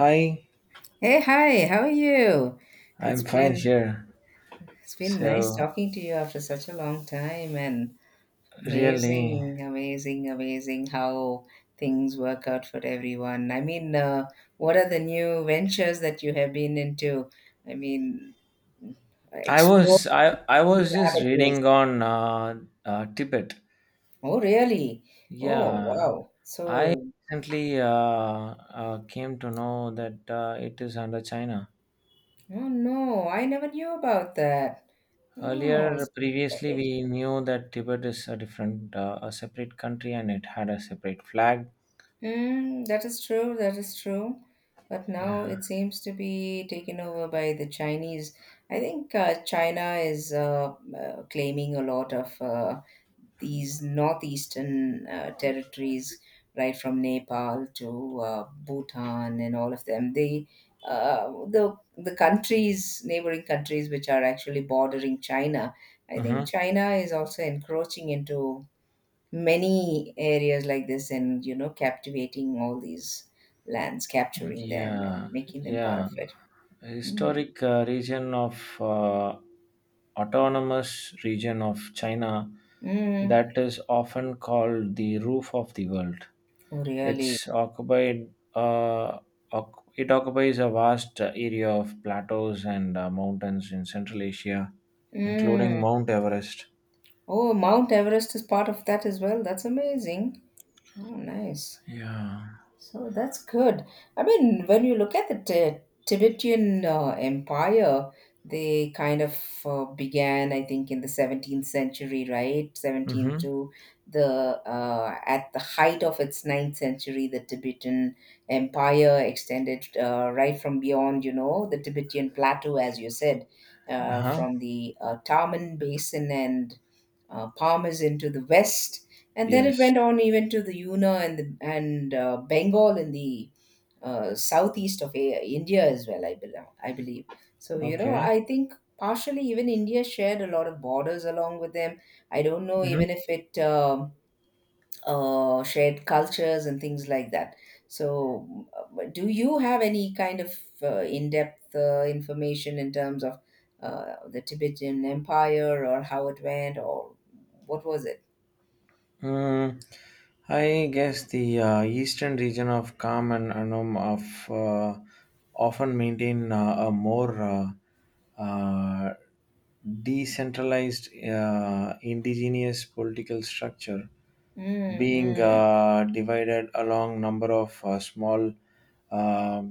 Hi, Hey, hi, how are you? It's I'm fine been here. it's been nice So talking to you after such a long time and really, amazing how things work out for everyone. What are the new ventures that you have been into? I mean, I explore was I I new was just avenues. reading on Tibet. Oh, really? Oh, Yeah, wow. I So, recently came to know that it is under China. oh no, I never knew about that. Oh, Earlier, previously, we knew that Tibet is a different, a separate country, and it had a separate flag. mm, that is true, that is true. But now Yeah. it seems to be taken over by the Chinese. I think China is claiming a lot of these northeastern territories, right from Nepal to Bhutan and all of them. They, the countries, neighboring countries, which are actually bordering China. I Mm-hmm. think China is also encroaching into many areas, like this and you know, captivating all these lands, capturing them and Yeah, making them part yeah. of it. mm. Historic region of autonomous region of China Mm. that is often called the roof of the world. Oh really. It's occupied. Uh, it occupies a vast area of plateaus and mountains in Central Asia, including mm. Mount Everest. Oh, Mount Everest is part of that as well, that's amazing. Oh nice. Yeah. So that's good. I mean, when you look at the Tibetan Empire, they kind of began, I think, in the 17th century, right? 17th Mm-hmm. to the at the height of its 9th century, the Tibetan Empire extended right from beyond, you know, the Tibetan plateau, as you said, Uh-huh. from the Taman Basin and Palmer's into the west, and then it Yes. went on even to the Yuna and Bengal in the southeast of India as well. I believe. I believe. So you know, Okay. I think partially even India shared a lot of borders along with them. I don't know Mm-hmm. even if it. Shared cultures and things like that. So, do you have any kind of in depth information in terms of the Tibetan Empire or how it went or what was it? Mm, I guess the eastern region of Kham and Anum of often maintain a more decentralized indigenous political structure, Mm, being mm. Divided along number of small uh,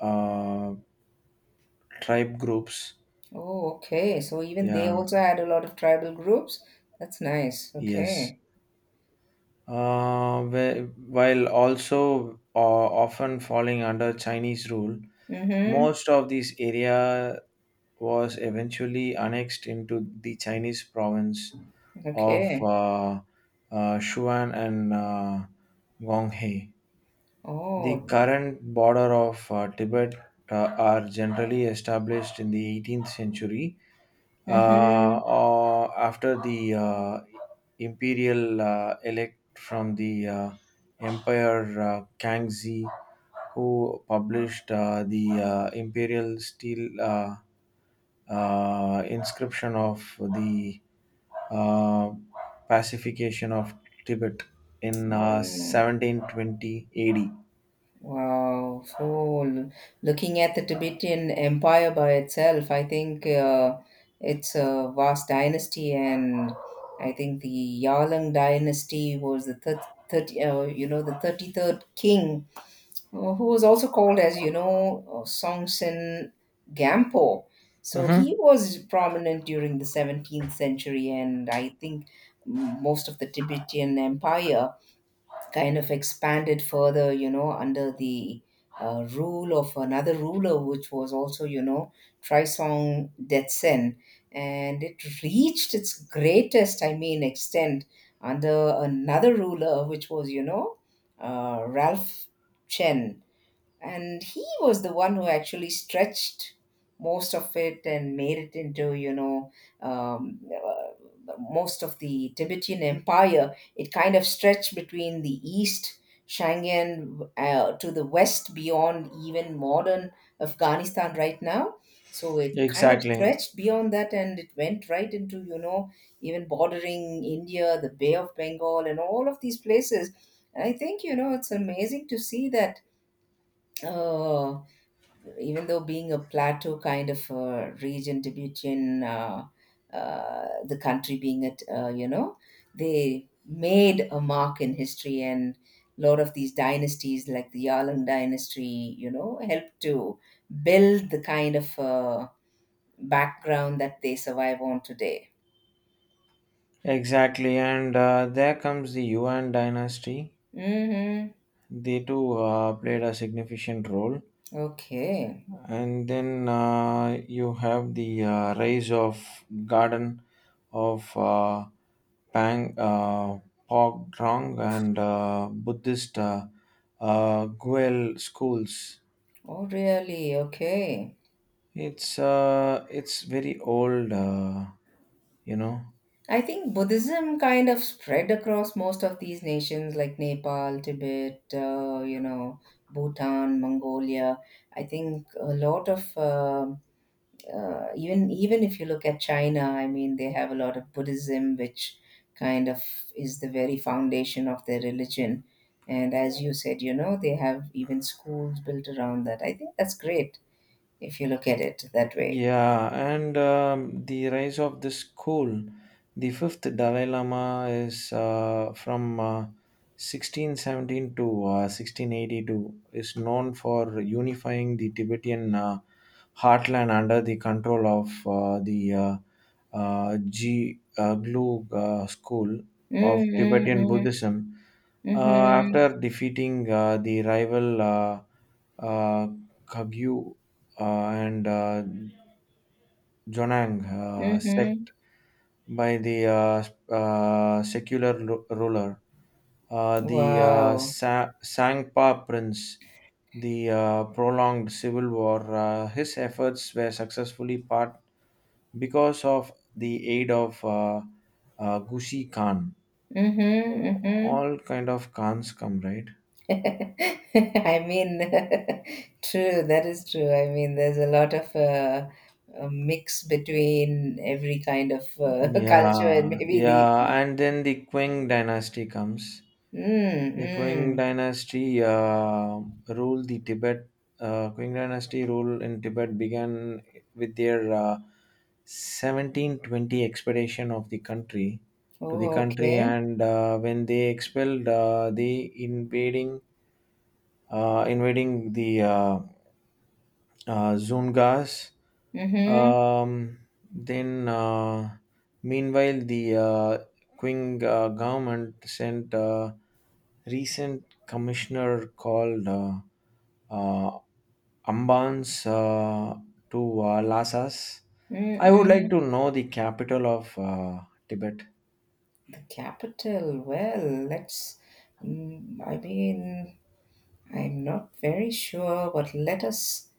uh, tribe groups. Oh, okay. So, even they Yeah. also had a lot of tribal groups. That's nice. Yes. Okay. While also often falling under Chinese rule, Mm-hmm. most of this area was eventually annexed into the Chinese province of Okay. Sichuan and Gonghe. The Oh. current border of Tibet are generally established in the 18th century Mm-hmm. or after the imperial elect from the empire Kangxi, who published the imperial steel inscription of the uh, pacification of Tibet in Mm. 1720 AD. Wow. Looking at the Tibetan Empire by itself, I think it's a vast dynasty, and I think the Yarlung dynasty was the third, you know, the 33rd king, who was also called as you know Songtsen Gampo. So Mm-hmm. he was prominent during the 17th century, and I think most of the Tibetan Empire kind of expanded further, you know, under the rule of another ruler, which was also, you know, Trisong Detsen. And it reached its greatest, I mean, extent under another ruler, which was, you know, Ralph Chen, and he was the one who actually stretched most of it and made it into, you know, most of the Tibetan Empire. It kind of stretched between the east Shangian to the west beyond even modern Afghanistan right now. So it kind of Exactly, stretched beyond that, and it went right into, you know, even bordering India, the Bay of Bengal, and all of these places. And I think, you know, it's amazing to see that. Oh, even though being a plateau kind of a region to between the country being it, you know, they made a mark in history, and a lot of these dynasties like the Yarlung dynasty, you know, helped to build the kind of background that they survive on today. exactly, and there comes the Yuan dynasty. Mm-hmm. They too played a significant role. Okay. And then you have the rise of Garden of Pang, Drong and Buddhist Guel schools. Oh, really? Okay. It's very old, you know. I think Buddhism kind of spread across most of these nations like Nepal, Tibet, you know, Bhutan, Mongolia. I think a lot of even if you look at China, I mean, they have a lot of Buddhism, which kind of is the very foundation of their religion. And as you said, you know, they have even schools built around that. I think that's great if you look at it that way. Yeah, and the rise of the school, the fifth Dalai Lama is from 1617 to 1682, is known for unifying the Tibetan heartland under the control of the G. Glug school of Mm-hmm. Tibetan Mm-hmm. Buddhism. Mm-hmm. After defeating the rival uh, Kagyu and Jonang Mm-hmm. sect by the secular ruler, the Wow. Sangpa prince, the prolonged civil war, his efforts were successfully part because of the aid of Gusi Khan. Mm-hmm, mm-hmm. All kind of khans come, right? I mean, true, that is true. I mean, there's a lot of a mix between every kind of culture and Yeah, maybe the. yeah, and then the Qing dynasty comes. Mm, the qing mm. dynasty uh, ruled the tibet uh, Qing dynasty rule in Tibet began with their 1720 expedition of the country to the Oh, country, okay. and when they expelled the invading invading the Zungas. Mm-hmm, Um, then, meanwhile, the Qing government sent a recent commissioner called uh, Ambans to Lhasas. I would like mm-mm. to know the capital of Tibet. The capital, well, let's. Mm, I mean, I'm not very sure, but let us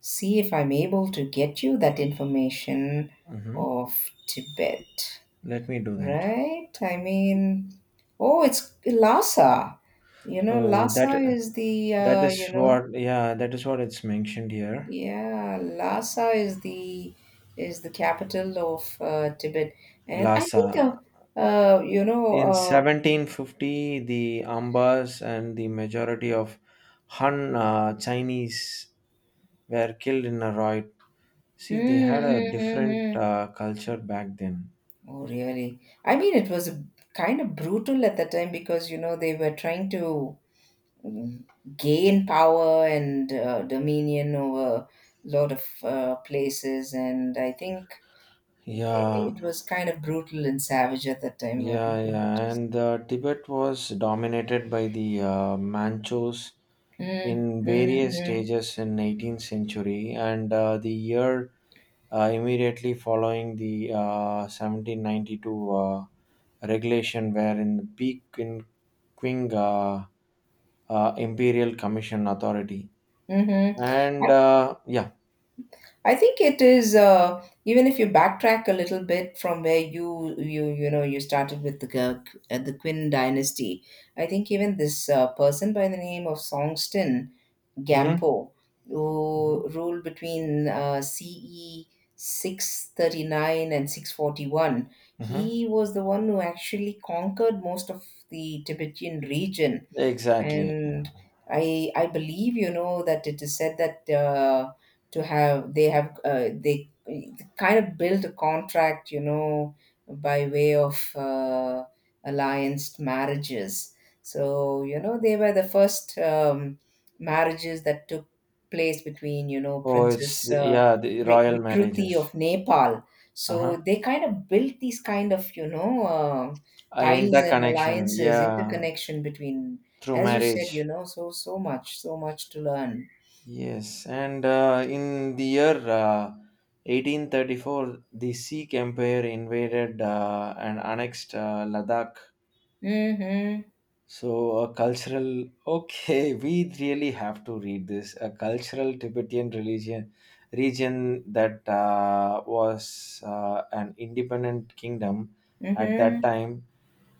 see if I'm able to get you that information Hmm. of Tibet. Let me do that. Right? I mean, oh, it's Lhasa. You know, Oh, Lhasa that. is the That is you know, what, yeah, that is what it's mentioned here. yeah, Lhasa is the capital of Tibet, and I Lhasa. think you know, In 1750, the Ambas and the majority of Han Chinese were killed in a riot. mm, See, they had a mm, mm, different mm. Culture back then. Oh, really? I mean, it was kind of brutal at that time because you know they were trying to, mm, gain power and dominion over a lot of places, and I think. Yeah, It was kind of brutal and savage at that time where yeah, people would yeah. just. And Tibet was dominated by the Manchus Mm, in mm, various mm, stages in 18th century, and the year immediately following the 1792 regulation, wherein the Peking uh, Imperial Commission Authority. hmm. And yeah. I think it is even if you backtrack a little bit from where you know you started with the the Qin dynasty. I think even this person by the name of Songston Hmm. Gampo, who ruled between CE 639 and 641. Hmm. He was the one who actually conquered most of the Tibetan region, Exactly. and I believe you know that it is said that to have they kind of built a contract, you know, by way of alliance marriages. So you know they were the first marriages that took place between, you know, Oh, it's, princess yeah, the royal Bikruti of marriages. Nepal. Uh So huh. they kind of built these kind of, you know, ties and Interconnection. alliances Yeah, interconnection between, through as you said, you marriage. know, so so much, so much to learn. Yes, and in the year 1834, the Sikh Empire invaded and annexed Ladakh. Mm-hmm. So, a cultural, okay, we really have to read this. A cultural Tibetan religion region that was an independent kingdom at that Mm-hmm. time.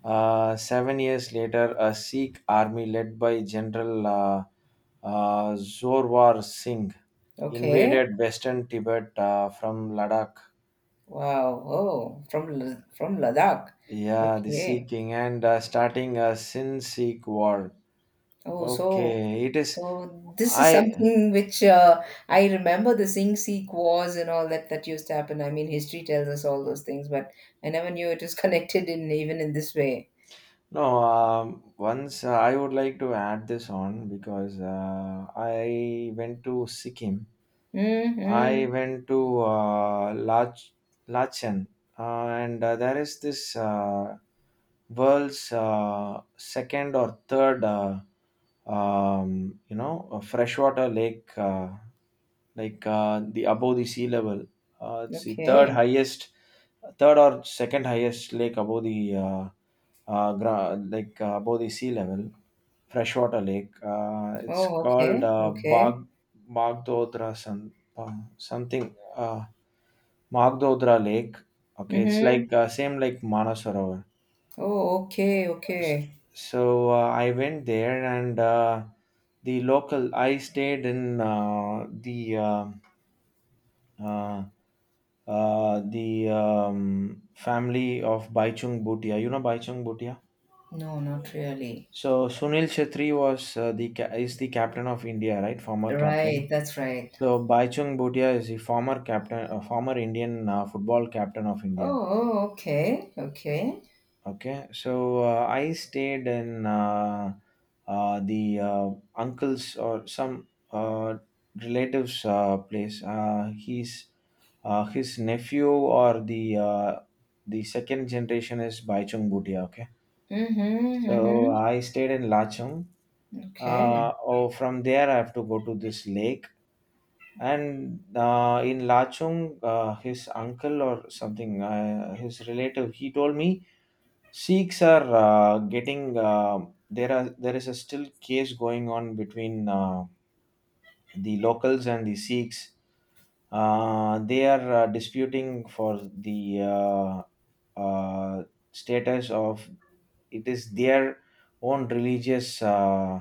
7 years later, a Sikh army led by General Zorwar Singh Okay. invaded western Tibet from Ladakh. Wow. Oh, from from Ladakh. Yeah, the Okay. Sikh king, and starting a Sin Sikh war. Oh, so Okay, it is. so this is I. something which I remember the Sing Sikh wars and all that that used to happen. I mean, history tells us all those things, but I never knew it was connected in even in this way. No, once I would like to add this on because I went to Sikkim. I Mm-hmm. went to Lachen, and there is this world's second or third, you know, a freshwater lake, the above the sea level. It's the third Okay. highest, third or second highest lake above the above the sea level freshwater lake. It's Oh, called okay. Bag Okay. Magdodra San, uh, something Magdodra Lake. Okay, it's Mm-hmm. like same like Manasarovar. Oh, okay. So, Okay. so I went there, and the local. I stayed in um uh, the family of Baichung Bhutia. You know Baichung Bhutia? No, not really. So Sunil Shetty was is the captain of India, right? Former Right, captain. that's right. So Baichung Bhutia is the former captain, a former Indian football captain of Oh, India. oh, okay, okay. Okay, so I stayed in the uncle's or some relatives' place. He's His nephew or the second generation is Baichung Bhutia. Okay, Mm-hmm, so mm-hmm. I stayed in Lachung. Okay. Oh, from there I have to go to this lake, and in Lachung, his uncle or something, his relative, he told me Sikhs are getting there is a still case going on between the locals and the Sikhs. They are disputing for the uh, status of it is their own religious,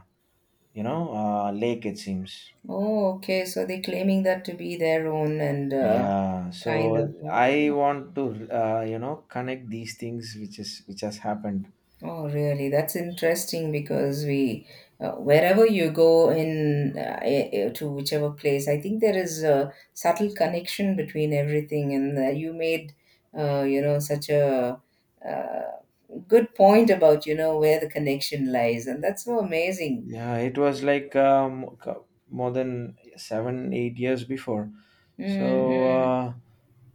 you know, lake. It seems. Oh, okay. So they're claiming that to be their own and Yeah, so kind of. I Oh, want to you know, connect these things which has happened. oh, really? That's interesting because we, wherever you go in to whichever place, I think there is a subtle connection between everything, and you made, you know, such a. Uh, good point about, you know, where the connection lies, and that's so amazing. Yeah, it was like more than 7 8 years before. So Mm, mm.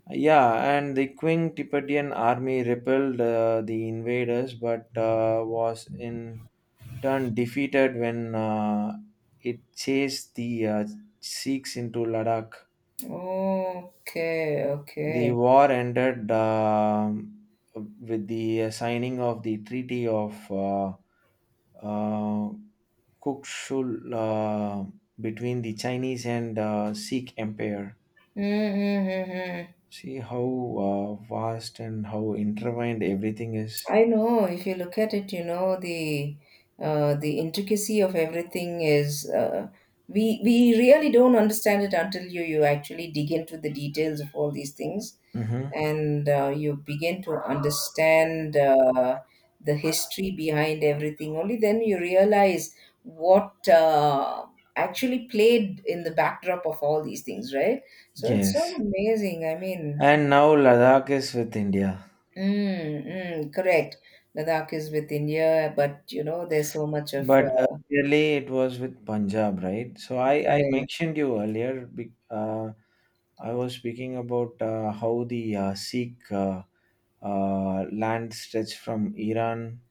yeah, and the Qing Tibetan army repelled the invaders, but was in turn defeated when it chased the Sikhs into Ladakh. Okay, The okay. war ended with the signing of the Treaty of uh, Kukshul between the Chinese and Sikh Empire. Mm, hmm. Mm, mm. See how vast and how intertwined everything is. I know, if you look at it, you know, the intricacy of everything is we really don't understand it until you actually dig into the details of all these things. Hmm. And you begin to understand the history behind everything. Only then you realize what actually played in the backdrop of all these things, right? So it's so Yes. amazing, I mean. And now Ladakh is with India. Mm, mm, correct. Ladakh is with India, but you know there's so much of But early it was with Punjab, right? So I right mentioned you earlier. I was speaking about how the Sikh land stretched from Iran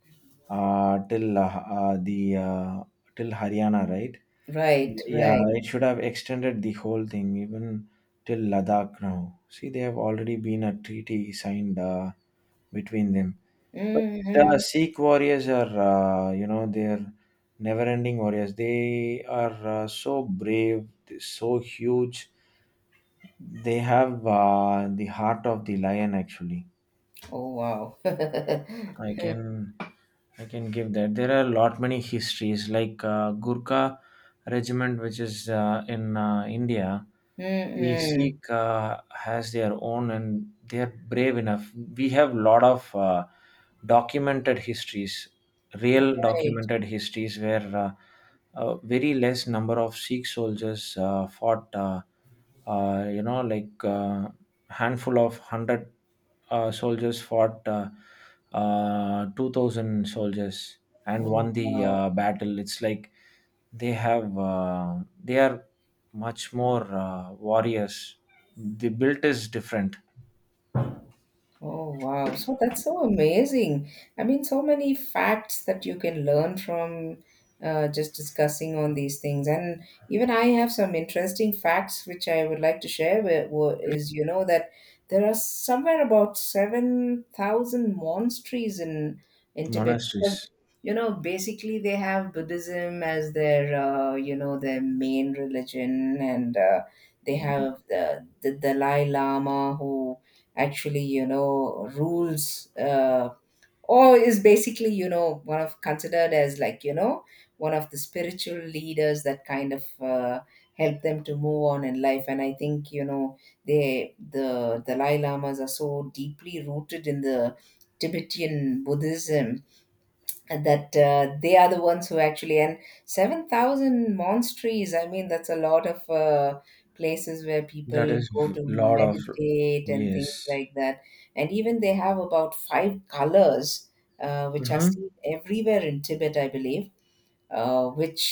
uh, till uh, uh, the uh, till Haryana, right? right Yeah, right it should have extended the whole thing even till Ladakh now. See, they have already been a treaty signed between them. But the Mm-hmm. Sikh warriors are, you know, they're never-ending warriors. They are so brave, they're so huge. They have the heart of the lion, actually. Oh wow. I can I can give that. There are a lot many histories like Gurkha regiment, which is in India. The Mm-hmm. Sikh has their own, and they are brave enough. We have lot of documented histories, real Right. documented histories where a very less number of Sikh soldiers fought. You know, like handful of hundred soldiers fought 2,000 soldiers Oh and won the wow. Battle. It's like they have, they are much more warriors. The built is different. Oh, wow. So that's so amazing. I mean, so many facts that you can learn from, just discussing on these things. And even I have some interesting facts which I would like to share with, Like is, you know, that there are somewhere about 7,000 monasteries in Tibet because, monasteries. you know, basically they have Buddhism as their, you know, their main religion and they have the Dalai Lama who actually, you know, rules, or is basically, you know, one of considered as like, you know, one of the spiritual leaders that kind of help them to move on in life. And I think, you know, they, the Dalai Lamas, are so deeply rooted in the Tibetan Buddhism, and that they are the ones who actually and 7,000 monasteries, I mean, that's a lot of places where people That is go to lot of, meditate and things yes. like that. And even they have about 5 colors which are Mm-hmm. seen everywhere in Tibet, I believe, which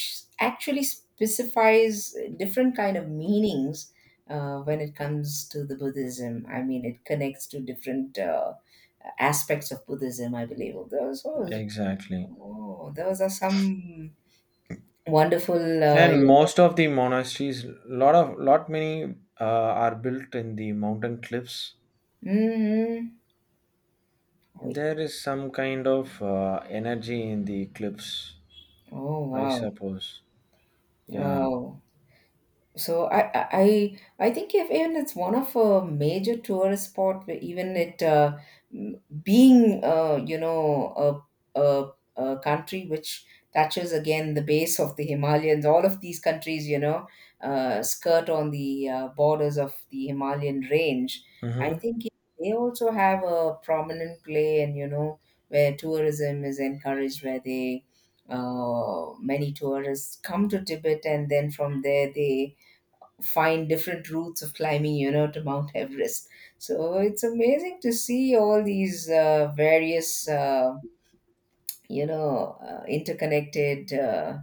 actually specifies different kind of meanings when it comes to the Buddhism. I mean, it connects to different aspects of Buddhism, I believe, so. Exactly. Oh, those are some wonderful, And you know. most of the monasteries, lot many are built in the mountain cliffs. Mm-hmm. There is some kind of energy in the clips, Oh, I wow. suppose. Yeah. Wow. So I think if even it's one of a major tourist spot, where even it being you know, a country which touches again the base of the Himalayans, all of these countries, you know, skirt on the borders of the Himalayan range. I Mm-hmm. think they also have a prominent play, and you know, where tourism is encouraged, where they many tourists come to Tibet, and then from there they find different routes of climbing, you know, to Mount Everest. So it's amazing to see all these various, you know, interconnected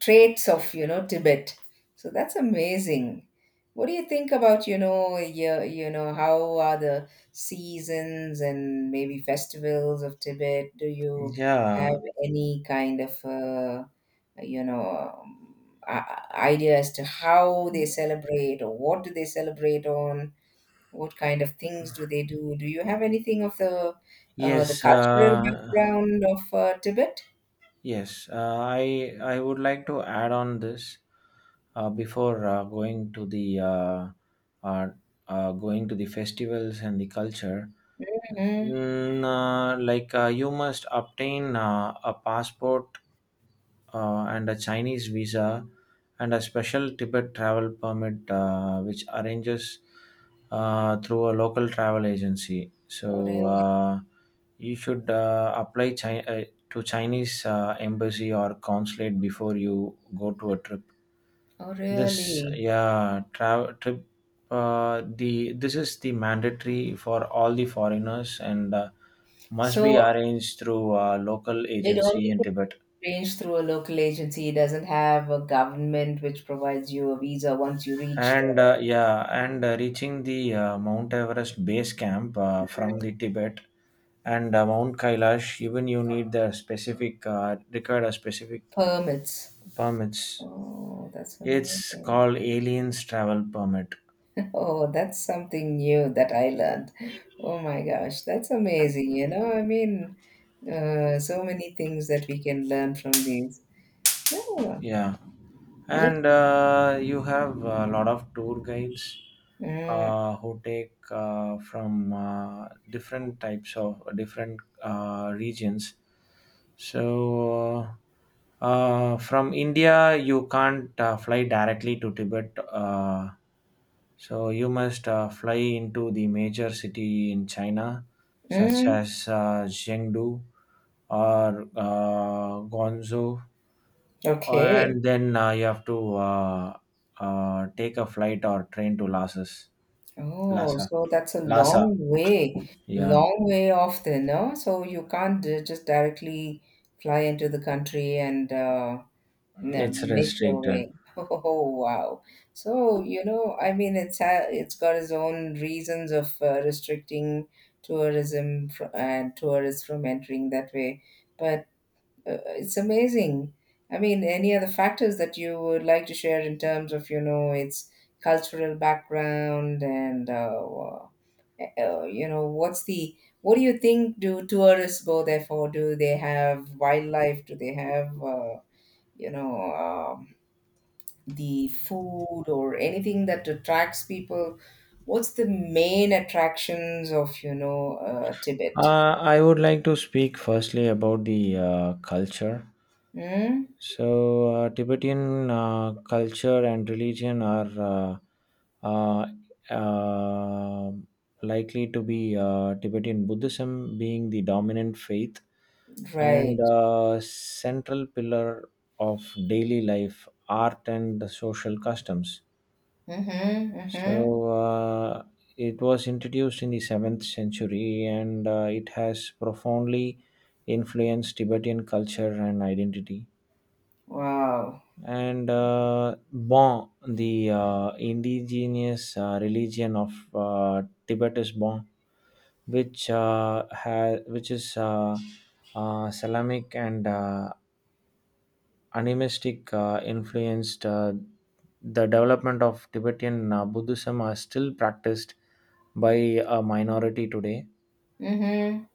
traits of, you know, Tibet. So that's amazing. What do you think about, how are the seasons and maybe festivals of Tibet? Do you have Yeah. any kind of you know um, idea as to how they celebrate or what do they celebrate on what kind of things do they do you have anything of the Yes. cultural background of Tibet? Yes, I would like to add on this before uh, going to the festivals and the culture. Mm. Like, you must obtain a passport and a Chinese visa and a special Tibet travel permit, which arranges through a local travel agency. Oh, So really? You should apply China to Chinese embassy or consulate before you go to a trip. Oh, This, really? yeah, travel trip, the this is the mandatory for all the foreigners, and must be So arranged through a local it agency only in gets Tibet. arranged through a local agency. It doesn't have a government which provides you a visa once you reach the And yeah, and reaching the Mount Everest base camp from the Tibet and Mount Kailash, even you need the specific required a specific permits? permits. Oh, that's It's amazing. called Aliens Travel Permit. Oh, that's something new that I learned. Oh my gosh, that's amazing. You know, I mean, so many things that we can learn from these. Yeah, Yeah, look. and you have a lot of tour guides Mm, who take from different types of different regions. So, from India, you can't fly directly to Tibet. So you must fly into the major city in China, such mm, as Chengdu or Guangzhou, okay. and then you have to take a flight or train to Lhasa. Oh, Lhasa, so that's a Lhasa. long way, Yeah, long way off there, no? So you can't just directly fly into the country and No, it's make your restricted. way. Oh, wow! So you know, I mean, it's got its own reasons of restricting tourism and tourists from entering that way, but it's amazing. I mean, any other factors that you would like to share in terms of, you know, its cultural background and, what's the what do you think do tourists go there for? Do they have wildlife? Do they have you know uh, the food or anything that attracts people? What's the main attractions of, you know, Tibet? I would like to speak firstly about the culture. Hmm? So, Tibetan culture and religion are uh, uh, uh, likely to be Tibetan Buddhism being the dominant faith Right. and central pillar of daily life, art, and the social customs. Mm-hmm. Mm-hmm. So, it was introduced in the 7th century, and it has profoundly influenced Tibetan culture and identity, Wow. and Bon, the indigenous religion of Tibet is Bon, which which is Islamic and animistic influenced. The development of Tibetan Buddhism are still practiced by a minority today. Mm-hmm.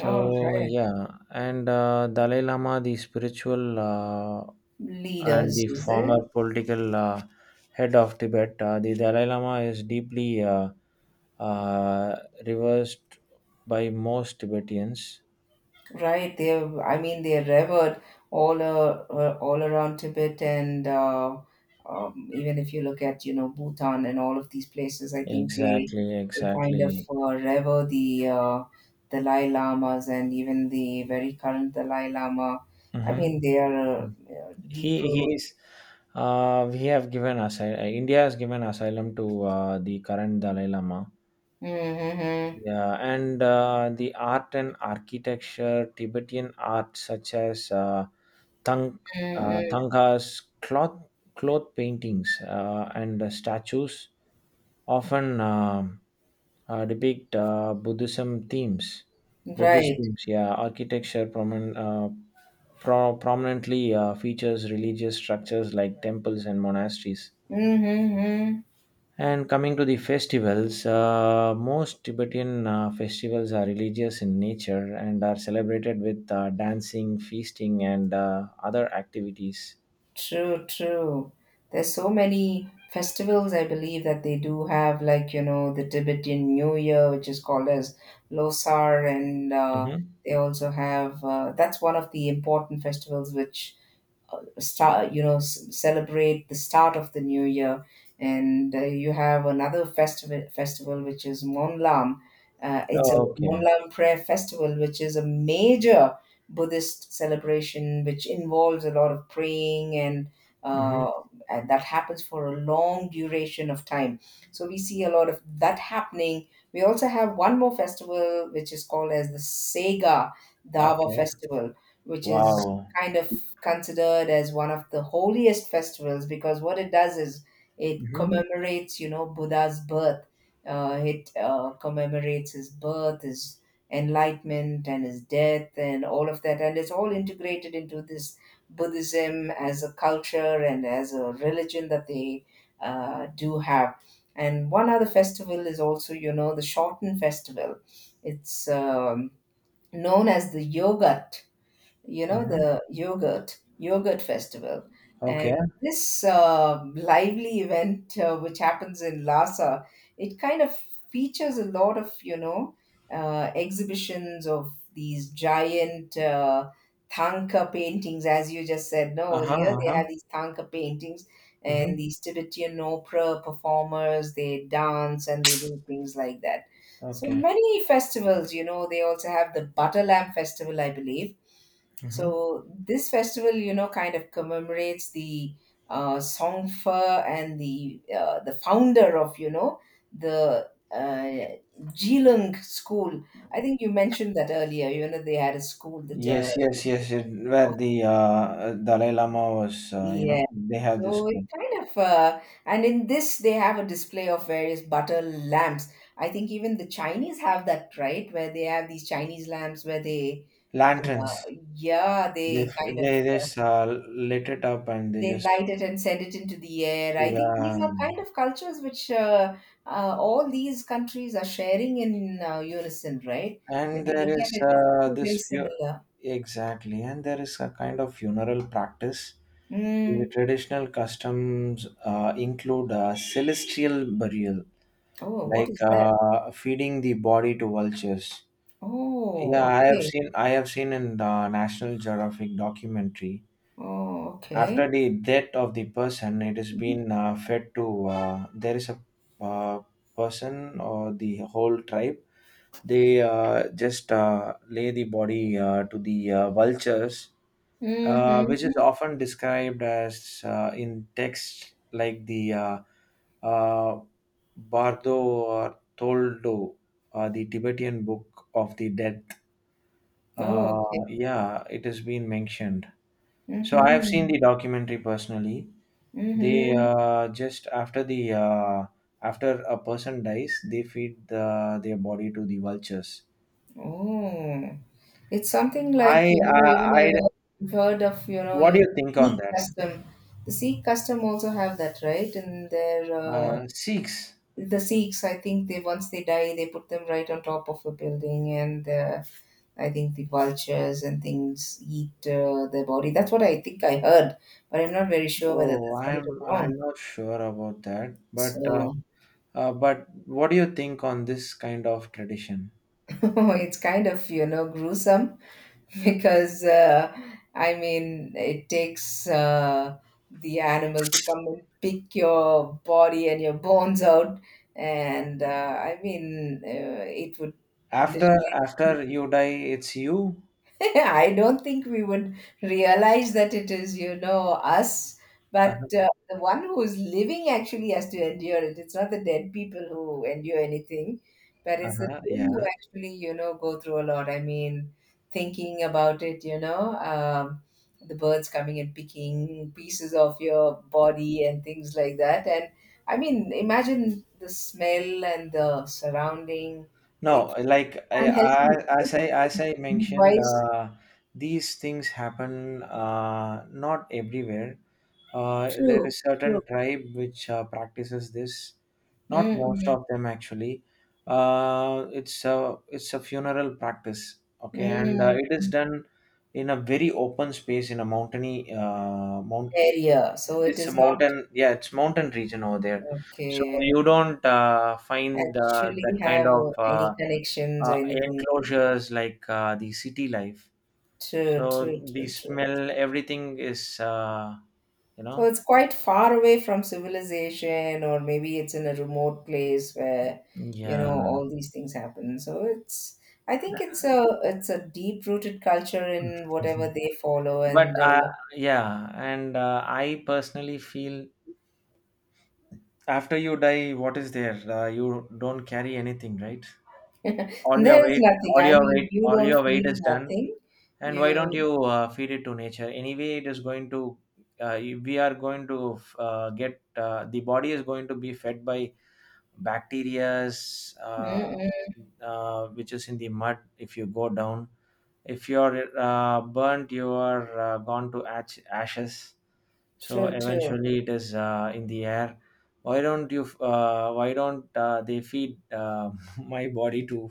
All right. yeah, and Dalai Lama, the spiritual and Leaders, the is former it? political head of Tibet, the Dalai Lama is deeply uh, reversed by most Tibetans. Right, they're, I mean, they're revered all around Tibet, and even if you look at, you know, Bhutan and all of these places, I think they Exactly, they kind of exactly. Rever the Dalai Lamas, and even the very current Dalai Lama. I Hmm. mean, they are He deep root. he's We have given asylum. India has given asylum to the current Dalai Lama. Mm-hmm. Yeah, and the art and architecture. Tibetan art such as Thang, Mm-hmm. Thangkas, cloth paintings, and statues often depict Buddhism themes. Buddhist Right. themes, yeah. Architecture prominently features religious structures like temples and monasteries. Mm-hmm. And coming to the festivals, most Tibetan festivals are religious in nature and are celebrated with dancing, feasting, and other activities. True, true. There's so many festivals, I believe, that they do have, like, you know, the Tibetan New Year, which is called as Losar, and Mm-hmm. they also have, that's one of the important festivals which start, you know, celebrate the start of the new year. And you have another festival which is Monlam. It's a Oh, okay. Monlam prayer festival, which is a major Buddhist celebration which involves a lot of praying, Mm-hmm. uh, and that happens for a long duration of time, so we see a lot of that happening. We also have one more festival which is called as the Sega Dava Okay. Festival, which is Wow. kind of considered as one of the holiest festivals, because what it does is it Mm-hmm. commemorates, you know, Buddha's birth. It commemorates his birth, his enlightenment, and his death, and all of that. And it's all integrated into this Buddhism as a culture and as a religion that they do have. And one other festival is also, you know, the Shorten Festival. It's known as the yoga, you know, Mm-hmm. the yogurt festival. And Okay. this lively event, which happens in Lhasa, it kind of features a lot of, you know, exhibitions of these giant Thangka paintings, as you just said. No, Uh huh. earlier Uh they huh. have these Thangka paintings and Mm-hmm. these Tibetan opera performers. They dance and they do things like that. So Okay. many festivals, you know. They also have the Butter Lamp Festival, I believe. Mm-hmm. So this festival, you know, kind of commemorates the Songfa and the founder of, you know, the Jilung school. I think you mentioned that earlier. You know, they had a school. The Yes, yes, yes. Where of, the Dalai Lama was, yeah. They have this So it kind of and in this they have a display of various butter lamps. I think even the Chinese have that, right, where they have these Chinese lamps where they uh, lanterns. yeah, They they kind of they just lit it up and they they just. light it and send it into the air. I think these Yeah, are kind of cultures which all these countries are sharing in unison, right? When and you there look at is it, it's very, very similar. exactly, and there is a kind of funeral practice. The Mm. traditional customs include celestial burial, Oh, what like is that? Feeding the body to vultures. Yeah, Oh, okay. I have seen in the National Geographic documentary. Oh, okay. After the death of the person, it has Mm-hmm. been fed to there is a uh, person or the whole tribe. They just lay the body to the vultures, which is Mm-hmm. often described as in texts like the uh, Bardo or Toldo, the Tibetan Book of the Death. Oh, uh, okay. yeah, it has been mentioned. So I have seen Mm-hmm. the documentary personally. They Mm-hmm. Just after the after a person dies, they feed their body to the vultures. Oh, it's something like, you know, even I I've heard of, you know, What do even you think on Sikh that? custom. The Sikh custom also have that, right? And their Six. the Sikhs, I think, they once they die, they put them right on top of a building, and I think the vultures and things eat their body. That's what I think I heard, but I'm not very sure whether Oh, that's right or wrong. I'm not sure about that, So. But what do you think on this kind of tradition? Oh, it's kind of, you know, gruesome, because I mean, it takes the animal to come and pick your body and your bones out. And I mean, it would After literally. after you die, it's you. I don't think we would realize that it is, you know, us, Uh-huh. but the one who is living actually has to endure it. It's not the dead people who endure anything, but it's the Uh-huh. living who Yeah. actually, you know, go through a lot. I mean, thinking about it, you know, the birds coming and picking pieces of your body and things like that. And I mean, imagine the smell and the surrounding. It's No, like unhealthy, right? As I mentioned, Disease-wise. These things happen not everywhere. There True, is certain true. tribe which practices this, not most Mm-hmm. of them actually. It's a funeral practice, okay, and it is Mm-hmm. done in a very open space in a mountainy Area. So it it's a is not mountain, yeah, it's mountain region over there, so okay. you don't find Actually that kind have of any connections or anything. enclosures like the city life. True, So true, the true, true, smell, true. everything is, you So know, it's quite far away from civilization, or maybe it's in a remote place where, you know, yeah. all these things happen. So it's, I think it's a deep-rooted culture in whatever they follow, But and yeah, and I personally feel after you die, what is there? You don't carry anything, right? All your there is weight, nothing. I mean, you all don't your weight feel is done. nothing. And why don't You. you feed it to nature. Anyway, it is going to uh, we are going to get the body is going to be fed by bacterias, Mm-mm. Which is in the mud if you go down. If you're burnt, you are gone to ashes, so True, true. eventually it is in the air. Why don't they feed my body to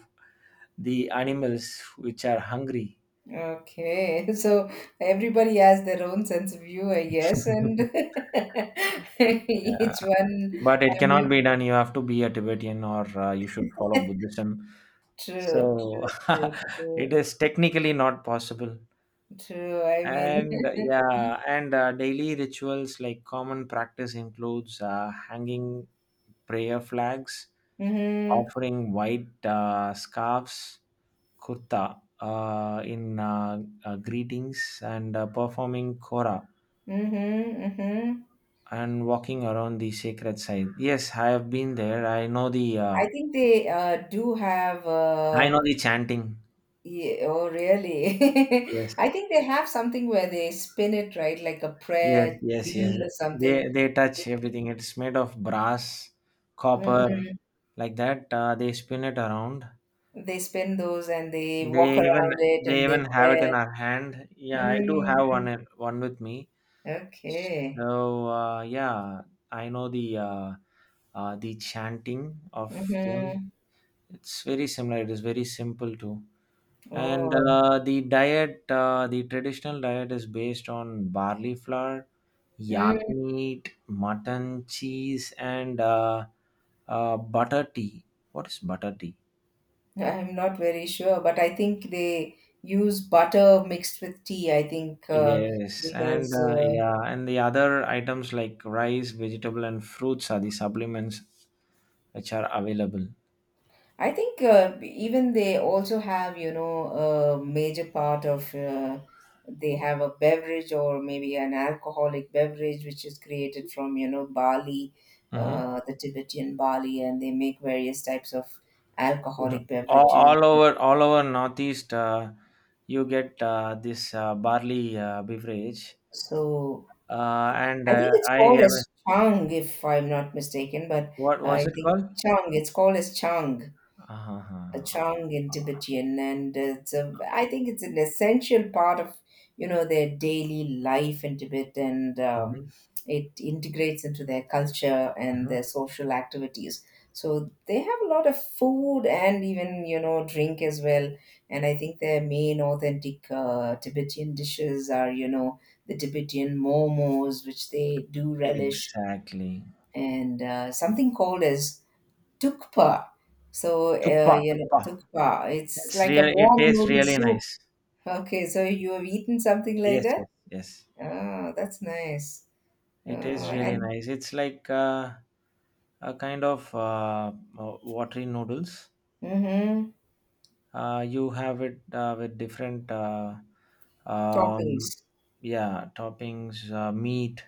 the animals which are hungry? Okay. So everybody has their own sense of view, I guess, and Yeah, each one, but I it cannot mean, be done. You have to be a Tibetan or you should follow Buddhism. true, So true, true, it true, is technically not possible. true. I mean, And yeah, and daily rituals like common practice includes hanging prayer flags, mm-hmm, offering white scarves, kurta in greetings, and performing kora mm-hmm, mm-hmm. and walking around the sacred site. Yes, I have been there. I think they do have, I know the chanting. yeah, oh, really? Yes, I think they have something where they spin it, right? Like a yes, prayer yes, yes. wheel or something. They So, touch everything. It's made of brass, copper, mm-mm. like that. They spin it around. They spin those and they walk They even around it they and they even have it in pray. our hand. Yeah, I do Mm, have mm, one with me. okay. So yeah, I know the chanting of them. Mm-hmm. It's very similar. It is very simple too. And Oh. The traditional diet is based on barley flour, yak Mm, meat, mutton, cheese, and butter tea. What is butter tea? I'm not very sure, but I think they use butter mixed with tea, I think, Yes, and because yeah, and the other items like rice, vegetable, and fruits are the supplements which are available. I think even they also have, you know, a major part of they have a beverage or maybe an alcoholic beverage which is created from, you know, barley, Mm-hmm. The Tibetan barley, and they make various types of alcoholic beverages. All over Northeast, you get this barley beverage, So and I think it's I called have. as chang, if I'm not mistaken, but What was I it think called? chang, it's called as chang, a Uh-huh. Chong in Tibetan, and it's a, I think it's an essential part of, you know, their daily life in Tibet, and Hmm. it integrates into their culture and Hmm. their social activities. So they have a lot of food, and even, you know, drink as well. And I think their main authentic Tibetan dishes are, you know, the Tibetan momos, which they do relish, Exactly. and something called as Tukpa. So, Tuppa, you know, tuppa. tukpa. It's It's like a real. It warm tastes noodle really soup. nice. Okay, so you have eaten something like Yes, that? yes, yes. Oh, that's nice. Oh, It is really and nice. It's like a kind of watery noodles. mm-hmm, You have it with different, um, toppings. yeah, toppings, meat,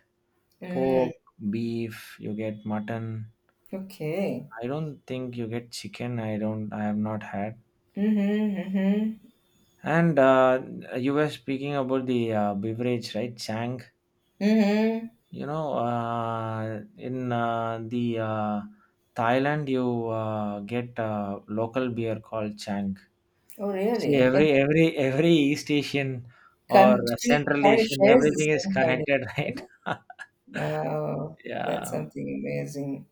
Mm, pork, beef. You get mutton. okay. I don't think you get chicken. I don't. I have not had. Mm-hmm, mm-hmm, And you were speaking about the beverage, right? Chang. mm-hmm. You know, in the Thailand, you get local beer called Chang. Oh, See, really? Every East Asian or Country Central kind of Asian, shares the everything is same kind connected, right? of. Oh, Yeah. that's something amazing.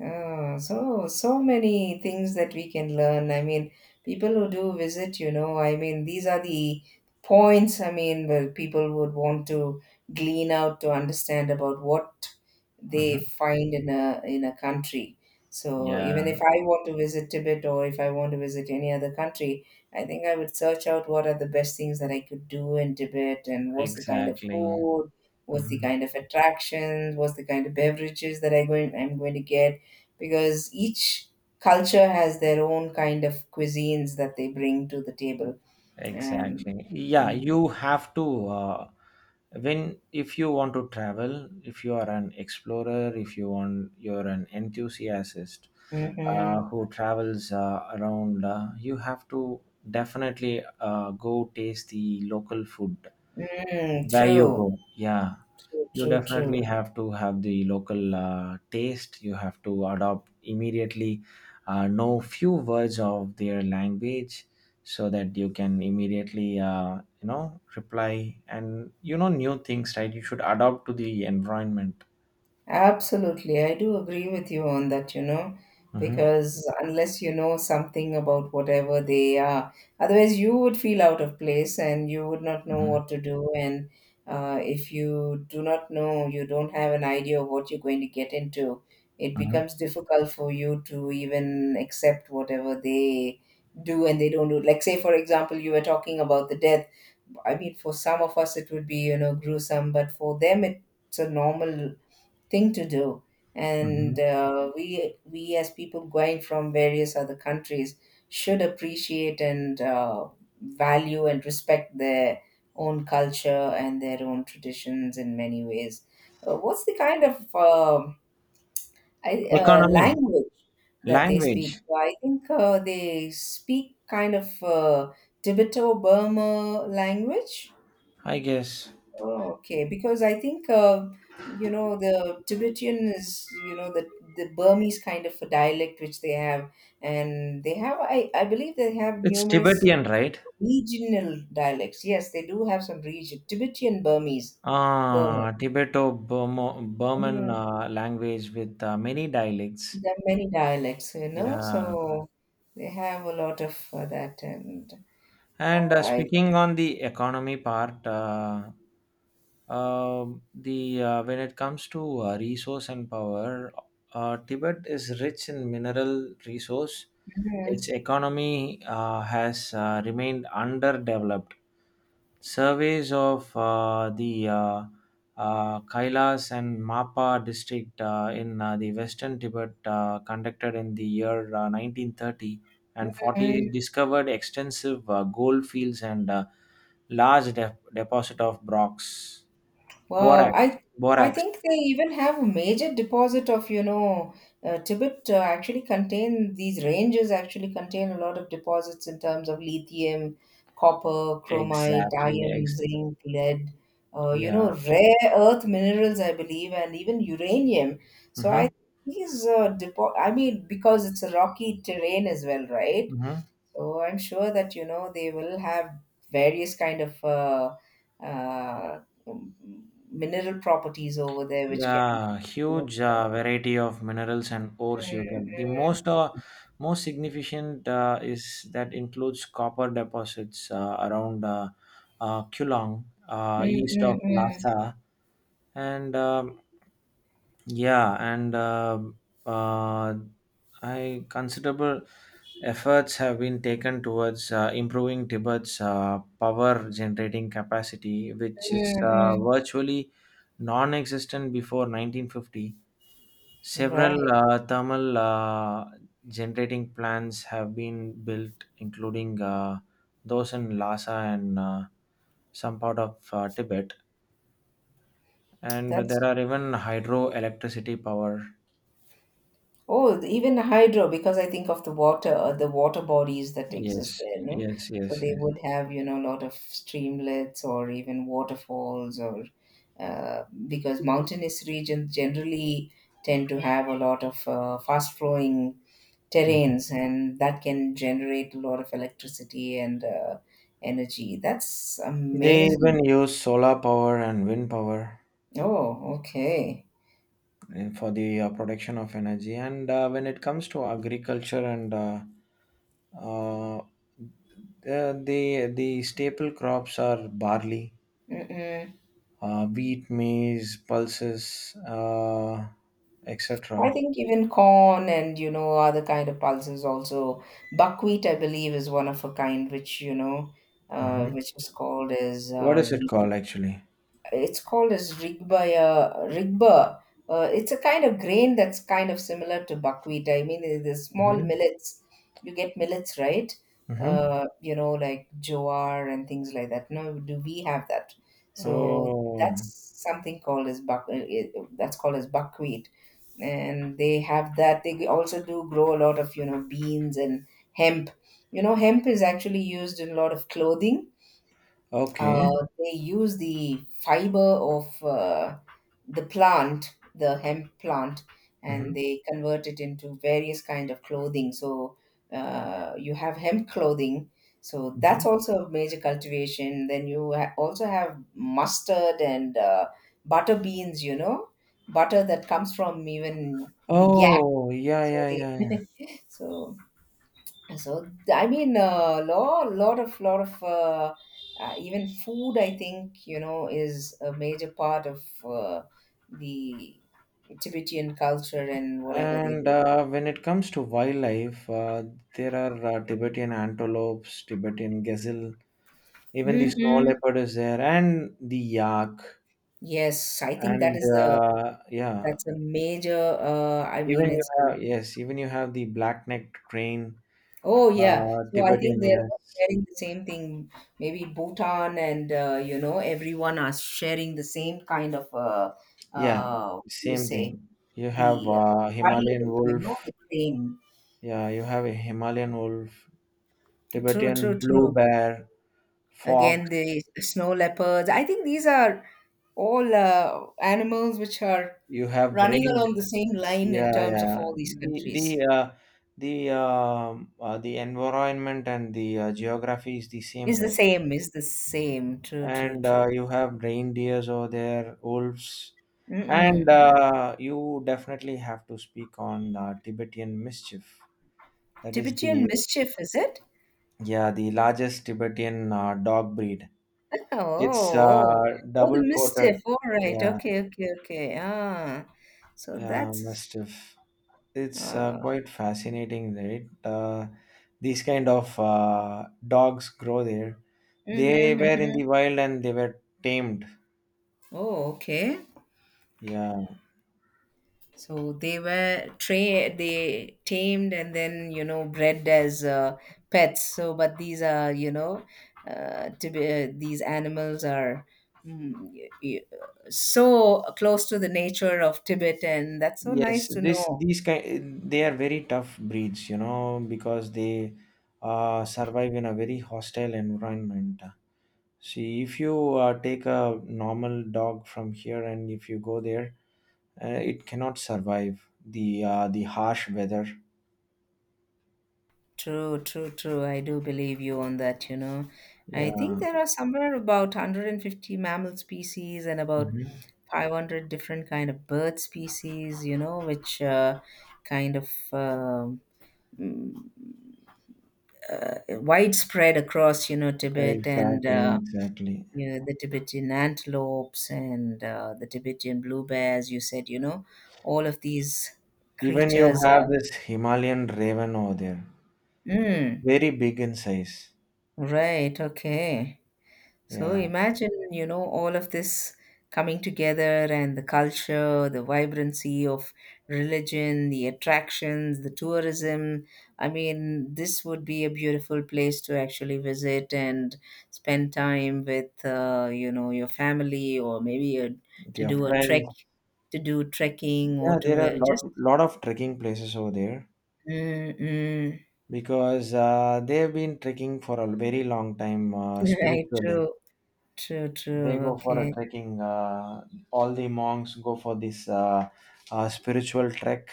Oh, so so many things that we can learn. I mean, people who do visit, you know, I mean, these are the points. I mean, where people would want to glean out to understand about what they Hmm. find in a country. So Yeah. even if I want to visit Tibet, or if I want to visit any other country, I think I would search out what are the best things that I could do in Tibet, and what's the kind of Exactly. food, what's the Mhm. kind of attractions, what's the kind of beverages that I'm going to get, because each culture has their own kind of cuisines that they bring to the table. And Exactly. Yeah, mhm, you have to when, if you want to travel, if you are an explorer, if you're an enthusiast who travels around, you have to definitely go taste the local food mm, where you true, go. Yeah, true, you true, definitely true. have to have the local taste. You have to adopt immediately, know few words of their language so that you can immediately reply, and you know new things, right? You should adapt to the environment. Absolutely, I do agree with you on that, you know, Hmm. because unless you know something about whatever they are, otherwise you would feel out of place and you would not know Hmm. what to do. And if you do not know, you don't have an idea of what you're going to get into, it Hmm. becomes difficult for you to even accept whatever they do and they don't do. Like, say, for example, you were talking about the death. I mean, for some of us, it would be, you know, gruesome, but for them, it's a normal thing to do Hmm. and we as people going from various other countries should appreciate and value and respect their own culture and their own traditions in many ways. What's the kind of Economy. language that they speak? Language. So I think they speak kind of Tibeto Burma language. I guess. Oh, okay, because I think you know, the Tibetan is, you know, the Burmese kind of a dialect which they have, and they have I believe they have It's numerous Tibetan, right? regional dialects. Yes, they do have some region Tibetan Burmese, Burma. Ah, Tibeto-Burman Mm, language with many dialects. there are many dialects, you know, Yeah. so they have a lot of that, and And I. speaking on the economy part, the when it comes to resource and power, Tibet is rich in mineral resource. Its mm, economy has remained underdeveloped. Surveys of the Kailas and Mapa district in the western Tibet, conducted in the year 1930 and 40, mm. discovered extensive gold fields and large deposit of Wow, borax, I borax. think they even have a major deposit of, you know, Tibet actually contain these ranges actually contain a lot of deposits in terms of lithium, copper, chromite, Exactly. iron, zinc, lead, you Yeah. know, rare earth minerals, I believe, and even uranium. So Mm-hmm. I these depo I mean, because it's a rocky terrain as well, right? Mm-hmm. So I'm sure that you know they will have various kind of uh, mineral properties over there, which can, Yeah, you know. huge variety of minerals and ores you get. The Mm, most most significant is that includes copper deposits around Kulong, mm, east mm, of mm, Lhasa, and yeah, and uh, I considerable efforts have been taken towards improving Tibet's power generating capacity, which is mm, mm, virtually non-existent before 1950. mm. Right, Several thermal generating plants have been built, including those in Lhasa and some part of Tibet. And that's there are even hydroelectricity power. oh, even hydro, because I think of the water bodies that Yes, exist there, no? yes, So yes, they yes. would have, you know, a lot of streamlets or even waterfalls, or because mountainous regions generally tend to have a lot of fast flowing Mhm. terrains and that can generate a lot of electricity and energy. That's They amazing. even use solar power and wind power Oh, okay. For the production of energy. And when it comes to agriculture and uh, the staple crops are barley, Mm-mm. Wheat, maize, pulses, I etc. think even corn and you know other kind of pulses also, buckwheat I believe is one of a kind which you know Hmm. which is called as What is it called actually? it's called as rigbaya rigba. It's a kind of grain that's kind of similar to buckwheat. I mean, the small Hmm. millets, you get millets, right? Hmm. You know, like jowar and things like that, no, do we have that? So Oh, that's something called as that's called as buckwheat, and they have that. They also do grow a lot of, you know, beans and hemp. You know, hemp is actually used in a lot of clothing. uh, okay. they use the fiber of the plant, the hemp plant, and Hmm. they convert it into various kind of clothing. So you have hemp clothing. So Hmm. that's also a major cultivation. Then you also have mustard and butter beans. You know, butter that comes from even the yak. Oh, yeah, So yeah, yeah. they Yeah. so so I mean a lot of even food, I think, you know, is a major part of the Tibetan culture and whatever they And do. When it comes to wildlife, there are Tibetan antelopes, Tibetan gazelle, even the snow Hmm. leopard is there, and the yak, Yes, I think that and is a, yeah, that's a major. I mean, even you it's a, have yes, even you have the black-necked crane. oh yeah. So I think Tibetan, they're all yes. sharing the same thing. Maybe Bhutan and you know everyone are sharing the same kind of Yeah, you same say thing. You have the Himalayan wildlife, you know, wolf. the crane. Yeah, you have a Himalayan wolf, True, Tibetan true, blue true. bear, fox. Again, the snow leopards. I think these are all animals which are You have running rain. along the same line in Yeah, terms of yeah. all these The the countries. uh, the environment and the geography is the same, Is the right? same, is the same. True, true, And true. you have reindeers over there, wolves, Mm-mm, and mm-mm. You definitely have to speak on Tibetan mischief. That is Tibetan the mischief, is it? Yeah, the largest Tibetan dog breed. Oh, It's oh, oh, the double mischief. coated. All right. Yeah, Okay, okay, okay. Ah, so that's. mastiff. It's Uh, quite fascinating, right? These kind of dogs grow there. They mm-hmm, were in mm-hmm. the wild and they were tamed. Oh, okay. Yeah. So they were they tamed and then you know bred as pets. So but these are you know to be these animals are mm, y- y- so close to the nature of Tibet, and that's so nice Yes, to this know. these kind they are very tough breeds, because they survive in a very hostile environment. See, if you take a normal dog from here and if you go there, it cannot survive the harsh weather. True, true, true. I do believe you on that. You know, I Yeah. think there are somewhere about 150 mammal species and about Mhm. 500 different kind of bird species. You know, which kind of mm, uh, widespread across, you know, Tibet and Exactly, exactly. you know, the Tibetan antelopes and the Tibetan blue bears. You said, you know, all of these Even you creatures are. have this Himalayan raven over there, Mm, very big in size. right. Okay. So Yeah, imagine, you know, all of this coming together and the culture, the vibrancy of religion, the attractions, the tourism. I mean, this would be a beautiful place to actually visit and spend time with, you know, your family or maybe a, to they are do a trek, friends. to do trekking or Yeah, to there are lot just. lot of trekking places over there Mm-mm. because they've been trekking for a very long time Right, spiritually. true, true, true. They go for a Okay. trekking, all the monks go for this spiritual trek.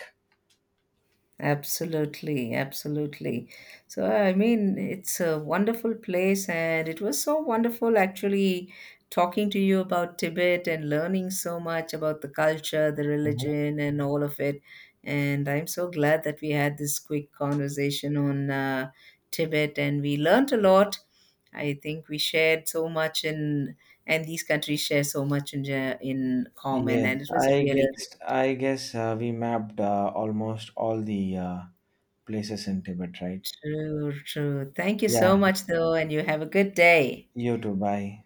Absolutely, absolutely. So, I mean, it's a wonderful place, and it was so wonderful actually talking to you about Tibet and learning so much about the culture, the Mhm. religion, and all of it. And I'm so glad that we had this quick conversation on Tibet, and we learnt a lot. I think we shared so much in, and these countries share so much in, in common, and Yes, it i was really great. guessed I guess we mapped almost all the places in Tibet, right? True, true. Thank you Yeah, so much, though, and you have a good day. you too. Bye.